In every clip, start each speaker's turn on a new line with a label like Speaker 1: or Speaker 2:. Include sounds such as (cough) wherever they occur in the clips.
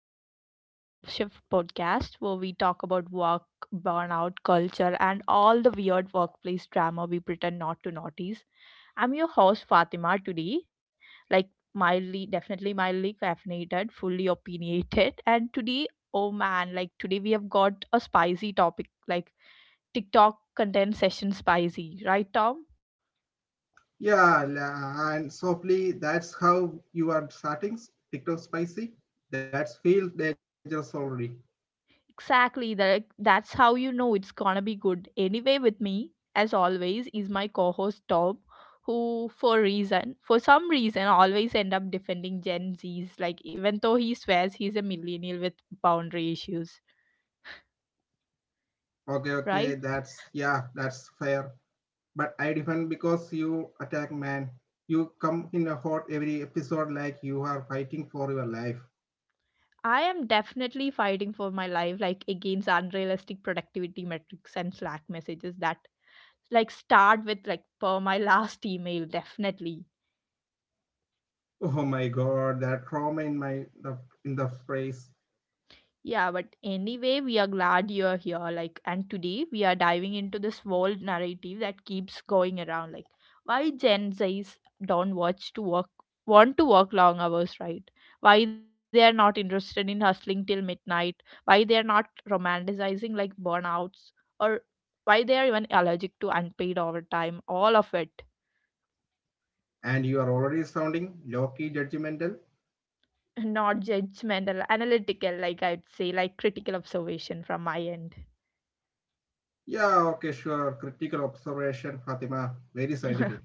Speaker 1: back to the Long Shift podcast where we talk about work, burnout, culture, and all the weird workplace drama we pretend not to notice. I'm your host Fatima today, definitely mildly caffeinated, fully opinionated, (laughs) and today, oh man, today we have got a spicy topic like TikTok content session spicy, right, Tom?
Speaker 2: Yeah, and softly, that's how you are starting. TikTok spicy. That's feel dangerous already.
Speaker 1: Exactly, that's how you know it's gonna be good. Anyway, with me, as always, is my co-host Tom, who for some reason, always end up defending Gen Z's. Like even though he swears he's a millennial with boundary issues,
Speaker 2: Okay, okay,
Speaker 1: right?
Speaker 2: that's yeah, that's fair. But I defend because you attack, man. You come in a hot every episode like you are fighting for your life.
Speaker 1: I am definitely fighting for my life, like against unrealistic productivity metrics and Slack messages that start with per my (laughs) last email, definitely.
Speaker 2: Oh my god, that trauma in in the phrase.
Speaker 1: Yeah, but anyway, we are glad you're here. Like, and today we are diving into this world narrative that keeps going around. Like, why Gen Z's don't watch to work, want to work long hours, right? Why they are not interested in hustling till midnight? Why they are not romanticizing like burnouts, or why they are even allergic to unpaid overtime? All of it,
Speaker 2: And you are already sounding low-key judgmental.
Speaker 1: (laughs) not judgmental, analytical. I'd say, like critical observation from my end.
Speaker 2: Yeah, okay, sure. Critical observation, Fatima. Very
Speaker 1: (laughs)
Speaker 2: scientific.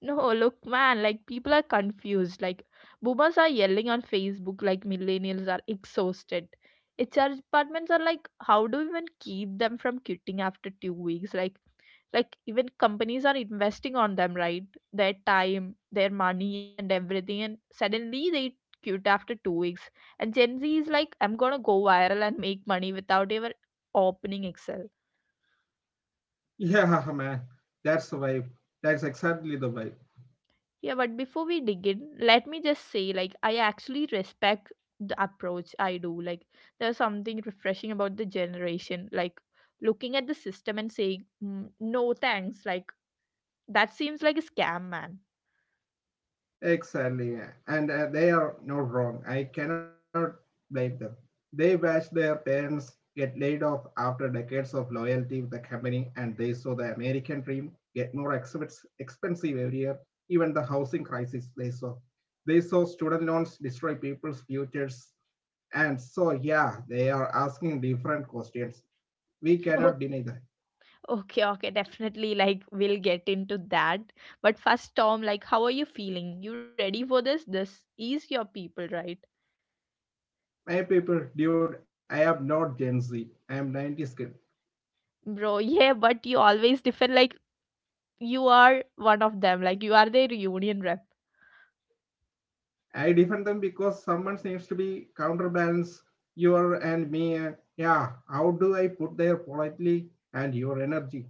Speaker 1: No, look, man, like people are confused. Like boomers are yelling on Facebook, like millennials are exhausted. HR departments are like, how do we even keep them from quitting after 2 weeks? Like even companies are investing on them, right? Their time, their money, and everything, and suddenly they quit after 2 weeks. And Gen Z is like, I'm gonna go viral and make money without ever opening Excel.
Speaker 2: Yeah, (laughs) man, that's the vibe. That's exactly the vibe.
Speaker 1: Yeah, but before we dig in, let me just say, like, I actually respect the approach I do. Like, there's something refreshing about the generation, like, looking at the system and saying, "Mm, no thanks. Like, that seems like a scam, man."
Speaker 2: Exactly, yeah. And They are not wrong. I cannot blame them. They watched their parents get laid off after decades of loyalty with the company, and they saw the American dream get more expensive every year. Even the housing crisis they saw. They saw student loans destroy people's futures. And so, yeah, they are asking different questions. We cannot
Speaker 1: (laughs)
Speaker 2: deny that.
Speaker 1: Oh, okay, okay, definitely. Like, we'll get into that. But first, Tom, like, how are you feeling? You ready for this? This is your people, right?
Speaker 2: My people, dude, I am not Gen Z. I am 90s kid.
Speaker 1: Bro, (laughs) yeah, but you always defend, like, you are one of them. Like, you are their union rep.
Speaker 2: I defend them because someone needs to be counterbalance your and me. And yeah, how do I put their politely and your energy?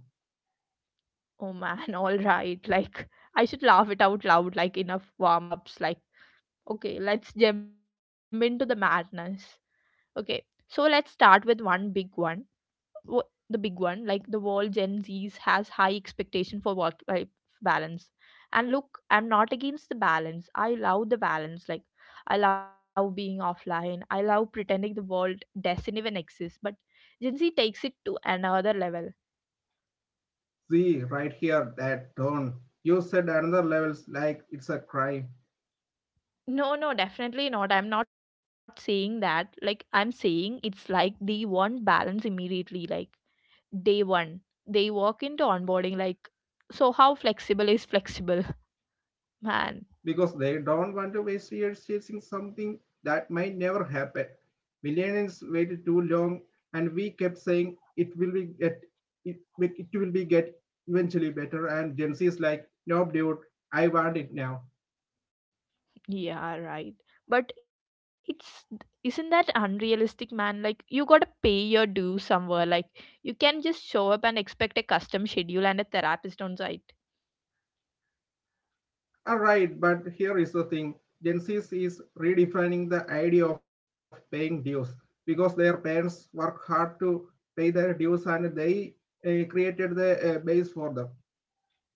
Speaker 1: Oh man, (laughs) all right. Like, I should laugh it out loud, like, enough warm ups. Like, okay, let's jump into the madness. Okay, so let's start with one big one. The big one, like, the world Gen Zs has high expectation for work life balance. And look, I'm not against the balance. I love the balance. Like, I love being offline. I love pretending the world doesn't even exist. But Gen Z takes it to another level.
Speaker 2: See right here that tone. You said another levels like it's a crime.
Speaker 1: No, no, definitely not. I'm not saying that. Like, I'm saying it's like they want balance immediately, like day one. They walk into onboarding, like, so how flexible is flexible? (laughs) Man,
Speaker 2: Because they don't want to waste years chasing something that might never happen. Millennials waited too long, and we kept saying it will be get it, it will be get eventually better. And Gen Z is like, nope, dude, I want it now.
Speaker 1: yeah, right. But it's, isn't that unrealistic, man? Like, you gotta pay your dues somewhere. Like, you can just show up and expect a custom schedule and a therapist on site.
Speaker 2: All right, but here is the thing: Gen Z is redefining the idea of paying dues because their parents work hard to pay their dues, and they created the base for them.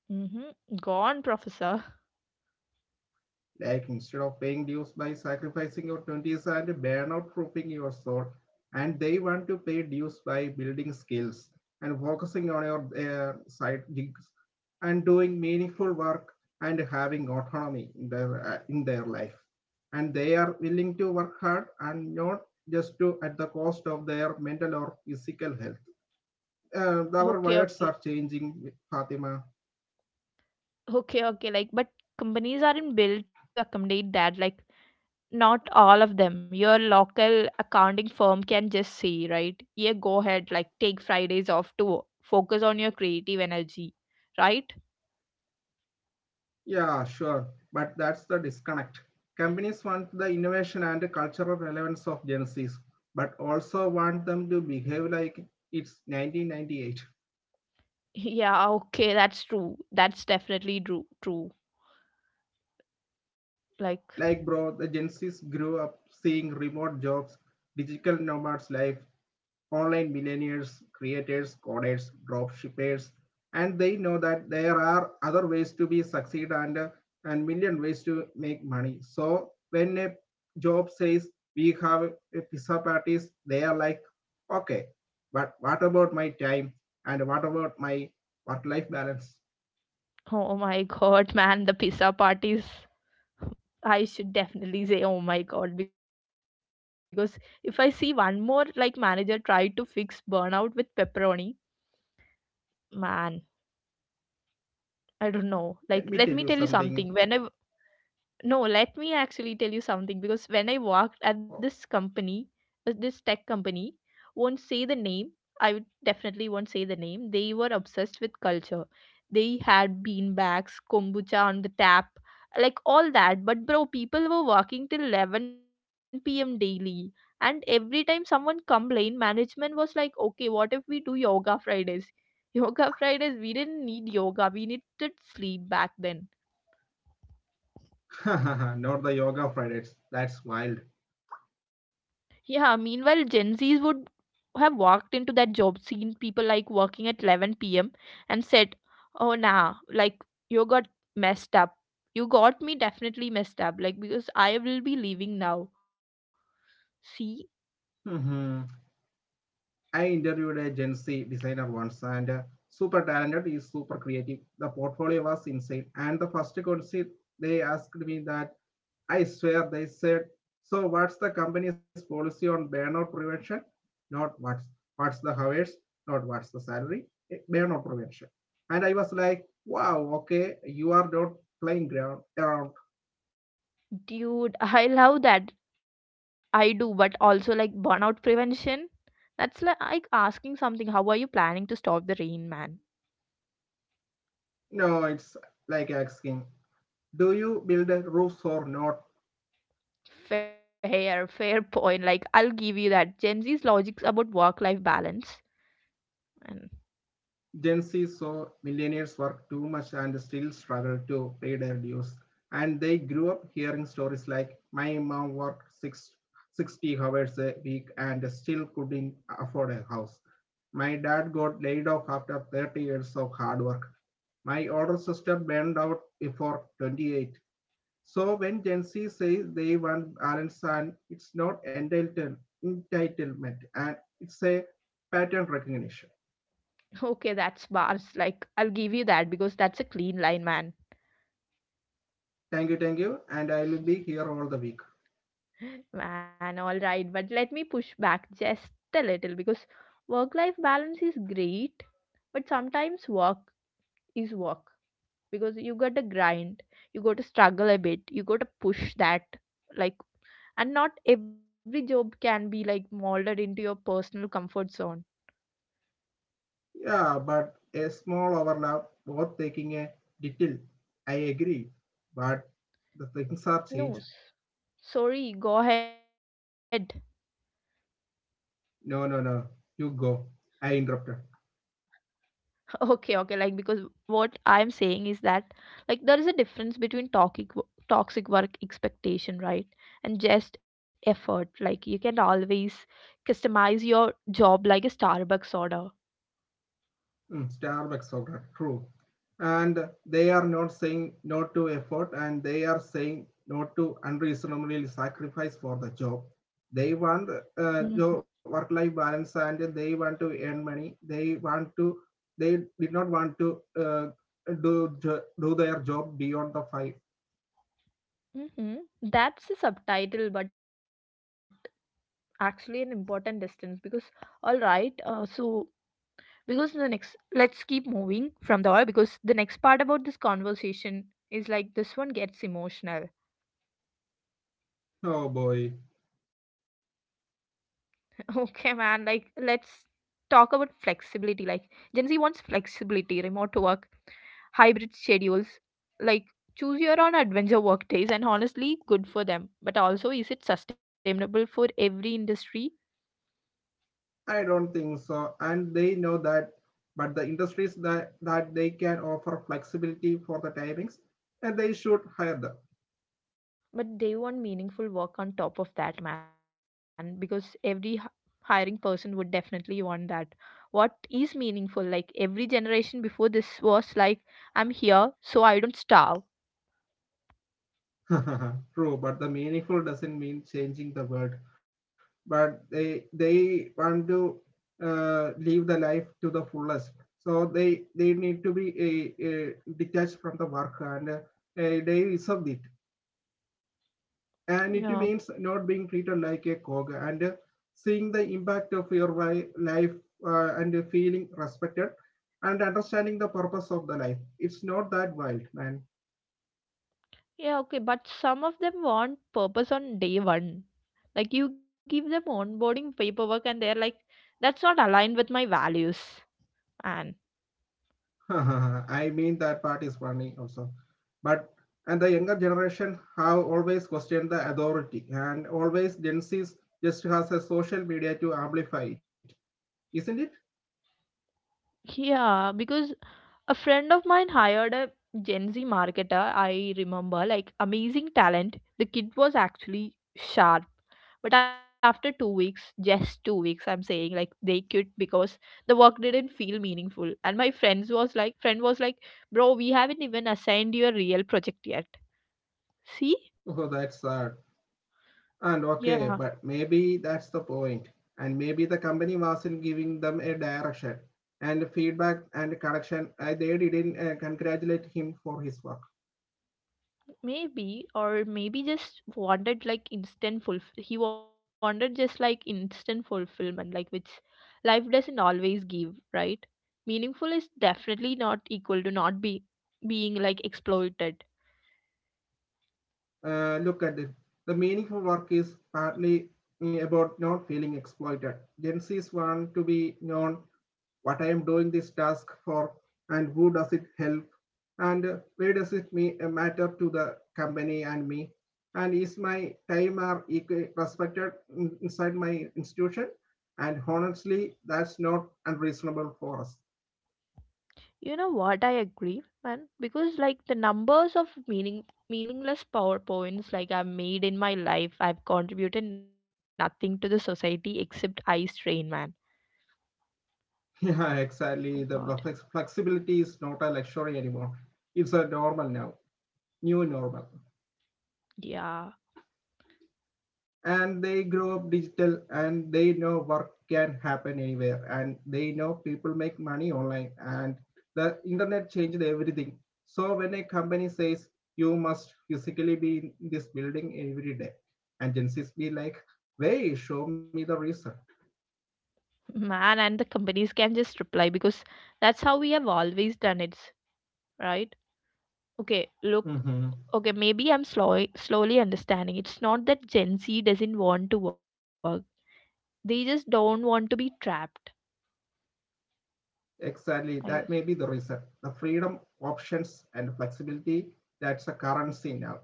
Speaker 1: Mm-hmm. Gone, professor.
Speaker 2: Like instead of paying dues by sacrificing your 20s and burnout proofing your soul, and they want to pay dues by building skills and focusing on your side gigs and doing meaningful work and having autonomy in in their life. And they are willing to work hard and not just to at the cost of their mental or physical health.
Speaker 1: Okay,
Speaker 2: Our
Speaker 1: okay.
Speaker 2: words are changing, Fatima.
Speaker 1: Okay, okay. Like, but companies aren't built to accommodate that. Like, not all of them. Your local accounting firm can just say, right? Yeah, go ahead. Like, take Fridays off to focus on your creative energy, right? (laughs)
Speaker 2: Yeah, sure. But that's the disconnect. Companies want the innovation and cultural relevance of Gen Zs, but also want them to behave like it's 1998.
Speaker 1: Yeah, okay. That's true. That's definitely true. True. Like,
Speaker 2: Like, bro, the Gen Zs grew up seeing remote jobs, digital nomads life, online billionaires, creators, coders, drop shippers, and they know that there are other ways to be succeed and million ways to make money. So when a job says we have a pizza parties, they are like, okay, but what about my time and what about my work-life balance?
Speaker 1: oh my (laughs) God, man, the pizza parties. I should definitely say, oh my God, because if I see one more like manager try to fix burnout with pepperoni, man. I don't know. Like, let me tell you
Speaker 2: Let me tell
Speaker 1: something.
Speaker 2: you
Speaker 1: Whenever
Speaker 2: something.
Speaker 1: no, let me actually tell you something because when I worked at this company, this tech company, won't say the name. I would definitely won't say the name. They were obsessed with culture. They had bean bags, kombucha on the tap, like all that. But bro, people were working till 11 p.m. daily. And every time someone complained, management was like, okay, what if we do yoga Fridays? (laughs) Yoga Fridays, we didn't need yoga. We needed sleep back then.
Speaker 2: (laughs) Not the yoga Fridays. That's wild.
Speaker 1: Yeah, meanwhile, Gen Zs would have walked into that job, seen people like working at 11 p.m., and said, oh, nah, like you got messed up. You got me definitely messed up, like because I will be leaving now. See,
Speaker 2: Mm-hmm. I interviewed a Gen Z designer once and super talented, is super creative. The portfolio was insane. And the first question they asked me that I swear they said, so what's the company's policy on burnout prevention? Not what's What's the hours, not what's the salary, burnout prevention. And I was like, wow, okay, you are not playing ground around.
Speaker 1: dude, (laughs) I love that. I do, but also like burnout prevention. Like asking something, how are you planning to stop the rain, man?
Speaker 2: No, it's like asking, do you build roofs or not?
Speaker 1: Fair, fair point. Like, I'll give you that. Gen Z's logics about work life balance. And."
Speaker 2: Gen Z saw millionaires work too much and still struggle to pay their dues. And they grew up hearing stories like, my mom worked 60 hours a week and still couldn't afford a house. My dad got laid off after 30 years of hard work. My older sister burned out before 28. So when Gen Z says they want balance and it's not entitlement and it's a pattern recognition.
Speaker 1: Okay, that's bars. Like, I'll give you that because that's a clean line, man.
Speaker 2: Thank you, thank you. And I will be here all the week.
Speaker 1: (laughs) Man, all right. But let me push back just a little because work life balance is great, but sometimes work is work because you got to grind, you got to struggle a bit, you got to push that. Like, and not every job can be like molded into your personal comfort zone.
Speaker 2: Yeah, but a small overlap, both taking a detail. I agree. But the things are
Speaker 1: No,
Speaker 2: changed.
Speaker 1: s- sorry, go ahead.
Speaker 2: No, no, no. You go. I interrupted.
Speaker 1: Okay, okay. Like because what I'm saying is that like there is a difference between toxic work expectation, right? And just effort. Like you can always customize your job like a Starbucks order.
Speaker 2: Mm, Starbucks order, true. And they are not saying no to effort and they are saying no to unreasonable sacrifice for the job. They want work life balance and they want to earn money. They did not want to do, do their job beyond the five.
Speaker 1: Mm-hmm. That's a subtitle, but actually an important distance because all right. Because the next, let's keep moving from there because the next part about this conversation is like this one gets emotional.
Speaker 2: Oh boy.
Speaker 1: Okay, man. Like, let's talk about flexibility. Like, Gen Z wants flexibility, remote work, hybrid schedules. Like, choose your own adventure work days, and honestly, good for them. But also, is it sustainable for every industry?
Speaker 2: I don't think so. And they know that, but the industries that they can offer flexibility for the timings and they should hire them.
Speaker 1: But they want meaningful work on top of that, man, because hiring person would definitely want that. What is meaningful? Like, every generation before this was like, I'm here, so I don't starve.
Speaker 2: (laughs) True, but the meaningful doesn't mean changing the world. But they want to live the life to the fullest. So they need to be detached from the work and they reserve it. And it
Speaker 1: Yeah.
Speaker 2: means not being treated like a cog and seeing the impact of your life and feeling respected and understanding the purpose of the life. It's not that wild, man.
Speaker 1: Yeah, okay, but some of them want purpose on day one. Like you give them onboarding paperwork and they're like, that's not aligned with my values. Man.
Speaker 2: (laughs) I mean that part is funny also. But and the younger generation have always questioned the authority, and always Gen Z just has a social media to amplify it, isn't it?
Speaker 1: Yeah, because a friend of mine hired a Gen Z marketer, I remember, like amazing talent. The kid was actually sharp. But after 2 weeks, just 2 weeks, I'm saying like they quit because the work didn't feel meaningful. And my friends was like friend was like, bro, we haven't even assigned you a real project yet. See?
Speaker 2: Oh, that's sad. And okay,
Speaker 1: Yeah.
Speaker 2: but maybe that's the point. And maybe the company wasn't giving them a direction and feedback and connection. They didn't congratulate him for his work.
Speaker 1: Maybe or maybe just wanted like instant fulf- he wanted just like instant fulfillment, like which life doesn't always give, right? Meaningful is definitely not equal to not be being like exploited.
Speaker 2: Look at it. The meaningful work is partly about not feeling exploited. Gen Z's want to be known what I am doing this task for, and who does it help, and where does it matter to the company and me, and is my time are respected inside my institution. And honestly, that's not unreasonable for us.
Speaker 1: You know what, I agree, man, because like the numbers of meaningless PowerPoints like I've made in my life, I've contributed nothing to the society except eye strain, man.
Speaker 2: (laughs) yeah,
Speaker 1: Oh my
Speaker 2: exactly.
Speaker 1: god.
Speaker 2: The flexibility is not a luxury anymore. It's a normal now. New normal.
Speaker 1: Yeah.
Speaker 2: And they grow up digital, and they know work can happen anywhere, and they know people make money online, and the internet changed everything. So when a company says you must physically be in this building every day, agencies be like, wait, show me the reason.
Speaker 1: Man, and the companies can just reply because that's how we have always done it, right? Okay, look,
Speaker 2: Mm-hmm.
Speaker 1: okay, maybe slowly understanding. It's not that Gen Z doesn't want to work, they just don't want to be trapped,
Speaker 2: Exactly,
Speaker 1: I
Speaker 2: that may
Speaker 1: guess.
Speaker 2: be the reason. The freedom options and flexibility, that's a currency now.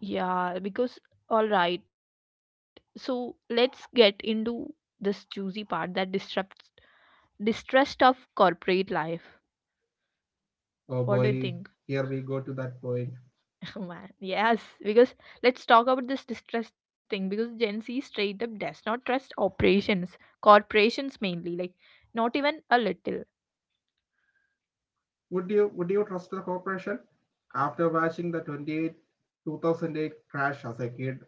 Speaker 1: Yeah, because, all right, so let's get into this juicy part that disrupts distrust of corporate life. What do
Speaker 2: Oh
Speaker 1: you think?
Speaker 2: boy, here we go to that point.
Speaker 1: Oh man, yes, because let's talk about this distrust thing because Gen Z straight up does not trust corporations mainly, like not even a little.
Speaker 2: Would you trust the corporation? After watching the 2008 crash as a kid,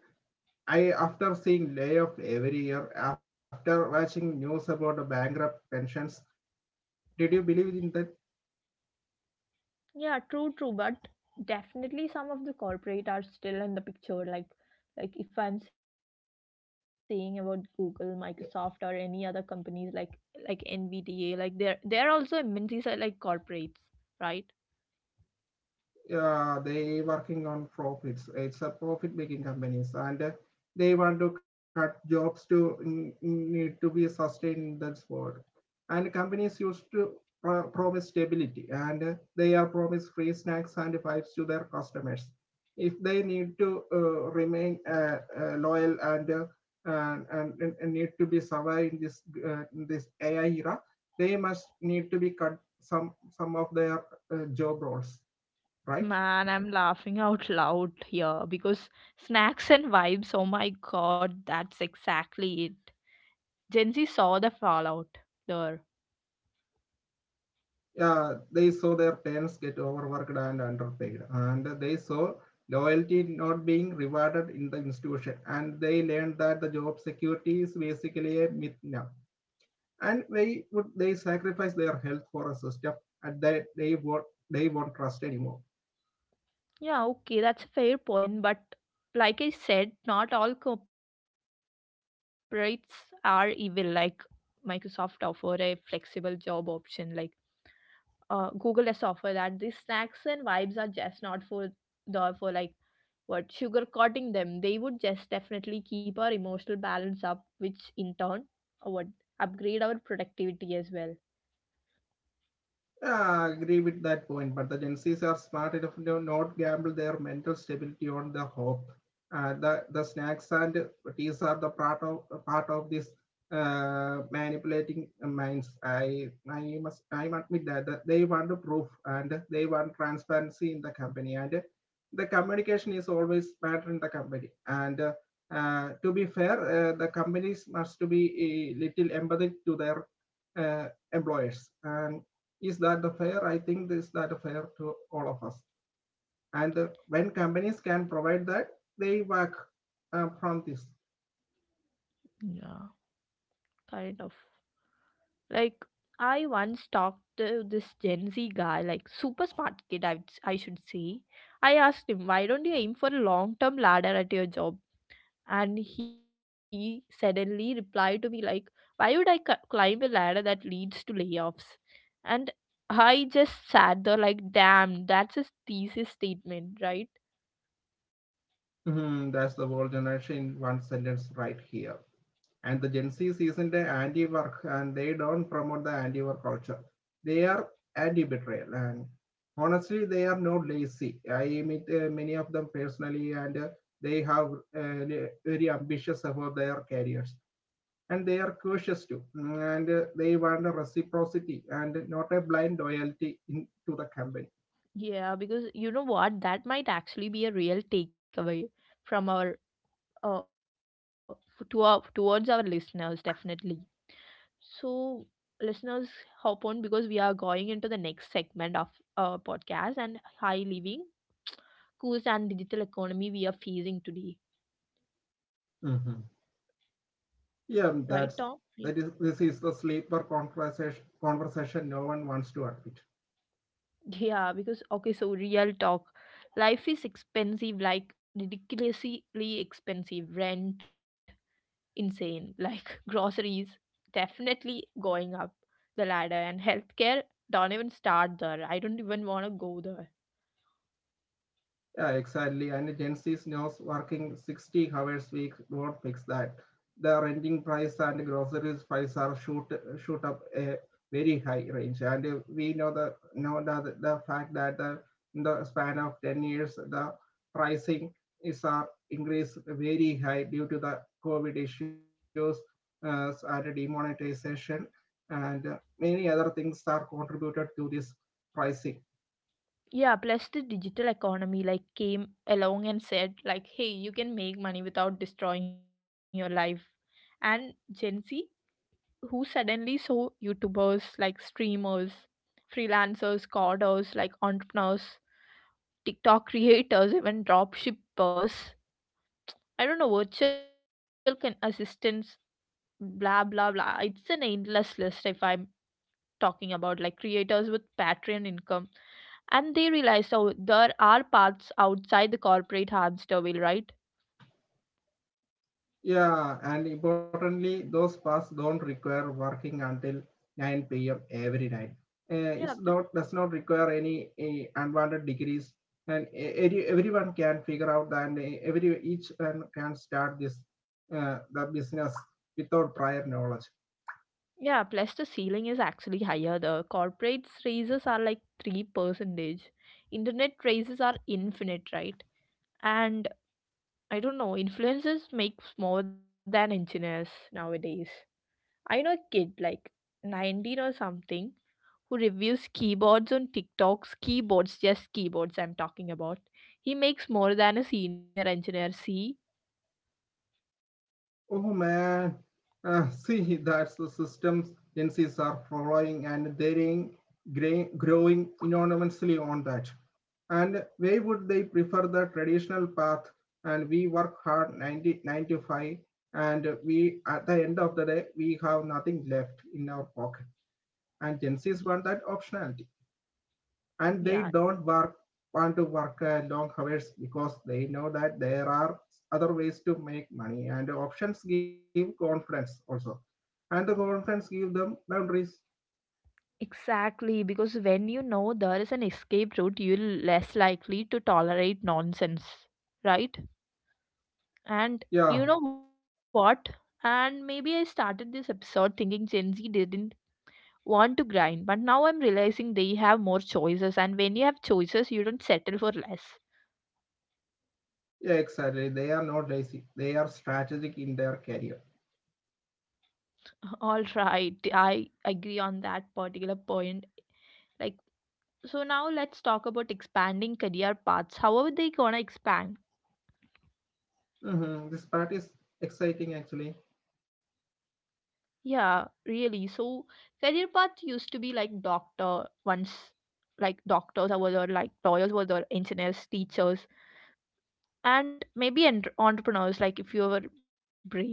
Speaker 2: I after seeing layoff every year, after watching news about the bankrupt pensions, did you believe in that?
Speaker 1: Yeah, true, true, but definitely some of the corporate are still in the picture. Like if I'm saying about Google, Microsoft, or any other companies like NVDA, like they're also MNCs are like corporates, right?
Speaker 2: They working on profits. It's a profit making companies, and they want to cut jobs to need to be sustained in this world. And companies used to promise stability, and they are promise free snacks and vibes to their customers. If they need to remain loyal, and, and need to be survive in this AI era, they must need to be cut some of their job roles, right?
Speaker 1: Man, I'm laughing out loud here because snacks and vibes, oh my god, that's exactly it. Gen Z saw the fallout there.
Speaker 2: Yeah, they saw their parents get overworked and underpaid, and they saw loyalty not being rewarded in the institution, and they learned that the job security is basically a myth now. And they would they sacrifice their health for a system, and they won't trust anymore.
Speaker 1: Yeah, okay, that's a fair point, but like I said, not all corporates are evil. Like Microsoft offer a flexible job option, like Google does offer that. These snacks and vibes are just not for the for like what sugarcoating them they would just definitely keep our emotional balance up which in turn would upgrade our productivity as well.
Speaker 2: Yeah, I agree with that point, but the Gen Zs are smart enough to not gamble their mental stability on the hope. The snacks and teas are the part of this manipulating minds. I admit that they want the proof and they want transparency in the company, and the communication is always matter in the company. And To be fair, the companies must to be a little empathetic to their uh, employers. And is that fair? I think this is that fair to all of us. And When companies can provide that, they work from this.
Speaker 1: Yeah. Kind of like, I once talked to this Gen Z guy, like super smart kid. I should say I asked him, "Why don't you aim for a long term ladder at your job?" And he suddenly replied to me like, "Why would I climb a ladder that leads to layoffs?" And I just sat there like, damn, that's a thesis statement, right?
Speaker 2: Mhm, that's the whole generation in one sentence right here. And the Gen Z is in the anti-work and they don't promote the anti-work culture. They are anti-betrayal. And honestly, they are not lazy. I meet many of them personally, and they have very ambitious about their careers, and they are cautious too, and they want a reciprocity and not a blind loyalty in, to the company.
Speaker 1: Yeah, because you know what, that might actually be a real takeaway from uh, towards our listeners definitely. So listeners, hop on because we are going into the next segment of our podcast, and high living cost and digital economy we are facing today,
Speaker 2: Mm-hmm. Yeah,
Speaker 1: right
Speaker 2: that's
Speaker 1: Tom? Yeah.
Speaker 2: that is this is the sleeper conversation no one wants to admit.
Speaker 1: Yeah, because okay, so real talk, life is expensive, like ridiculously expensive. Rent insane, like (laughs) groceries definitely going up the ladder, and healthcare, don't even start there, I don't even want to go there.
Speaker 2: Yeah, exactly. And Gen Z knows working 60 hours a week won't fix that. The renting price and groceries price are shoot up a very high range, and we know the fact that the, in the span of 10 years the pricing is are increased very high due to the COVID issues and demonetization, and many other things are contributed to this pricing.
Speaker 1: Yeah, plus the digital economy like came along and said like, hey, you can make money without destroying your life. And Gen Z who suddenly saw YouTubers like streamers, freelancers, coders, like entrepreneurs, TikTok creators, even drop shippers. I don't know, assistants, blah blah blah. It's an endless list if I'm talking about like creators with Patreon income. And they realized, oh, there are paths outside the corporate hamster wheel, right?
Speaker 2: Yeah, and importantly, those paths don't require working until 9 p.m. every night. It's
Speaker 1: Yeah.
Speaker 2: not does not require any unwanted degrees, and everyone can figure out that, and every each one can start this the business without prior knowledge.
Speaker 1: Yeah, plus the ceiling is actually higher. The corporates raises are like 3%. Internet raises are infinite, right? And I don't know, influencers makes more than engineers nowadays. I know a kid like 19 or something, who reviews keyboards on TikToks, keyboards, just keyboards I'm talking about. He makes more than a senior engineer. See?
Speaker 2: Oh man, (laughs) see that's the systems agencies are following, and they're growing enormously on that. And why would they prefer the traditional path and we work hard 90, 9 to 5, and we at the end of the day we have nothing left in our pocket, and gen
Speaker 1: Yeah.
Speaker 2: z's want that optionality. And they
Speaker 1: Yeah.
Speaker 2: don't work want to work long hours because they know that there are other ways to make money, and options give confidence also, and the confidence give them boundaries.
Speaker 1: Exactly, because when you know there is an escape route, you're less likely to tolerate nonsense, right? And
Speaker 2: Yeah,
Speaker 1: you know what? And maybe I started this episode thinking Gen Z didn't want to grind, but now I'm realizing they have more choices, and when you have choices, you don't settle for less.
Speaker 2: yeah exactly, they are not lazy, they are strategic in their career.
Speaker 1: (laughs) All right, I agree on that particular point. Like, so now let's talk about expanding career paths. How are they gonna expand?
Speaker 2: Hmm, this part is exciting actually.
Speaker 1: Yeah, really. So career path used to be like doctor once, like doctors are were there, like lawyers were there, engineers, teachers, and maybe entrepreneurs, like if you were brave, right?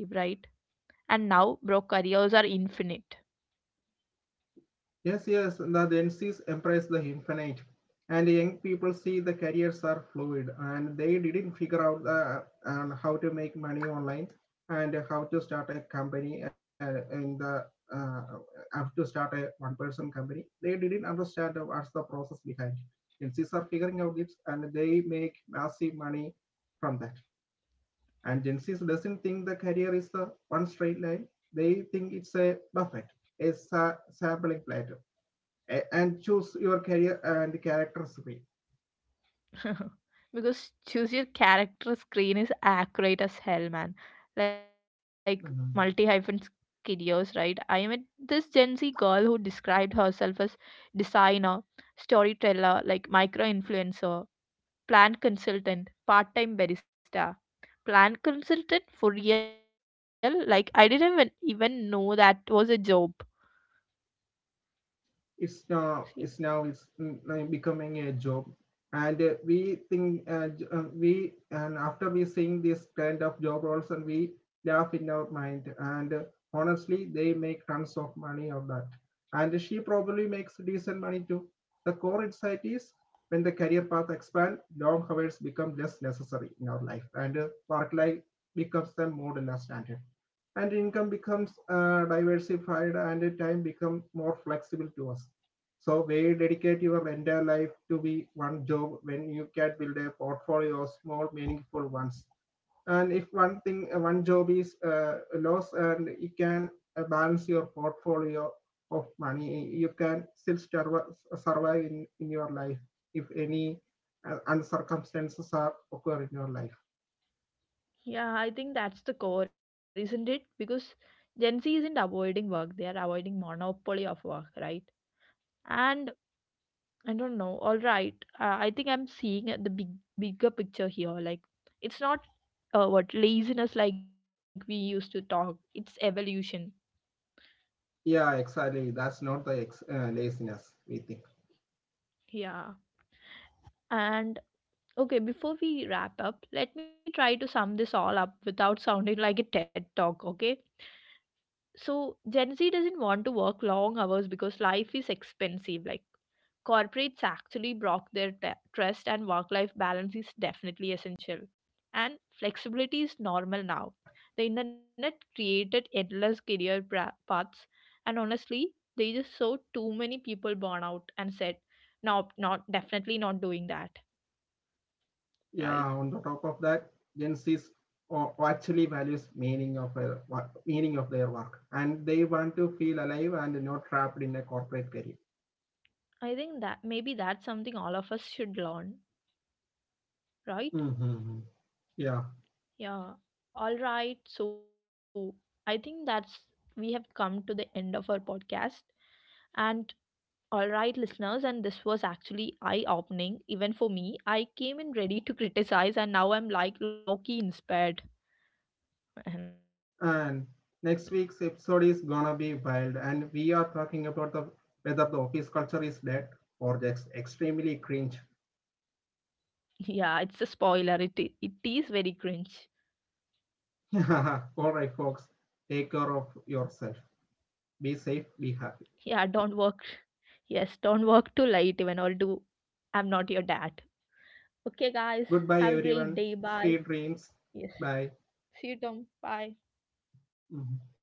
Speaker 1: And now bro, careers are infinite.
Speaker 2: Yes, yes, the Gen Z's embrace the infinite, and young people see the careers are fluid, and they didn't figure out the, and how to make money online, and how to start a company, in the uh, how to start a one-person company. They didn't understand what's the process behind. Gen Z's are figuring out it, and they make massive money from that. And Gen Z doesn't think the career is the one straight line. They think it's a buffet, a sampling platter, and choose your career and character recipe.
Speaker 1: (laughs) Because choose your character screen is accurate as hell man, like multi hyphen
Speaker 2: Mhm.
Speaker 1: skidios, right? I met this Gen Z girl who described herself as designer, storyteller, like micro influencer, plant consultant, part-time barista. Plant consultant for real, like I didn't even, even know that was a job.
Speaker 2: It's
Speaker 1: See?
Speaker 2: now it's now it's mm, like becoming a job. And we think We and after we seeing this kind of job roles and we laugh in our mind, and honestly they make tons of money of that, and she probably makes decent money too. The core insight is when the career path expand, long hours become less necessary in our life, and work life becomes the more than a standard, and income becomes diversified, and time becomes more flexible to us. So where you dedicate your entire life to be one job when you can build a portfolio of small meaningful ones. And if one job is lost, and you can balance your portfolio of money, you can still survive in your life if any circumstances are occur in your life.
Speaker 1: Yeah, I think that's the core, isn't it? Because Gen Z isn't avoiding work, they are avoiding monopoly of work, right? And I don't know, all right, I think I'm seeing the bigger picture here, like it's not what laziness like we used to talk, it's evolution.
Speaker 2: Yeah exactly, that's not the laziness we think.
Speaker 1: Yeah. And okay, before we wrap up, let me try to sum this all up without sounding like a TED talk, okay? So Gen Z doesn't want to work long hours because life is expensive. Like corporates actually block their trust, and work life balance is definitely essential. And flexibility is normal now. The internet created endless career paths, and honestly, they just saw too many people burn out and said, "No, not definitely not doing that."
Speaker 2: Yeah, on
Speaker 1: Right?
Speaker 2: the top of that, gen z's actually values meaning of their work, and they want to feel alive and not trapped in a corporate career.
Speaker 1: I think that maybe that's something all of us should learn. Right?
Speaker 2: Mm-hmm. Yeah.
Speaker 1: Yeah. All right. So I think that's, we have come to the end of our podcast. And all right, listeners, and this was actually eye-opening even for me. I came in ready to criticize, and now I'm like Loki inspired. And
Speaker 2: And next week's episode is gonna be wild, and we are talking about the whether the office culture is dead or just extremely cringe.
Speaker 1: (laughs) yeah, it's a spoiler. It is very cringe.
Speaker 2: (laughs) all right folks, take care of yourself, be
Speaker 1: Yeah,
Speaker 2: safe, be
Speaker 1: don't work.
Speaker 2: happy.
Speaker 1: Yes, don't work too late, even, or do. I'm not your dad. Okay, guys, have a great
Speaker 2: Goodbye
Speaker 1: day. Bye.
Speaker 2: everyone. Sweet
Speaker 1: Yes.
Speaker 2: dreams. Bye.
Speaker 1: See you, Tom. Bye.
Speaker 2: Mm-hmm.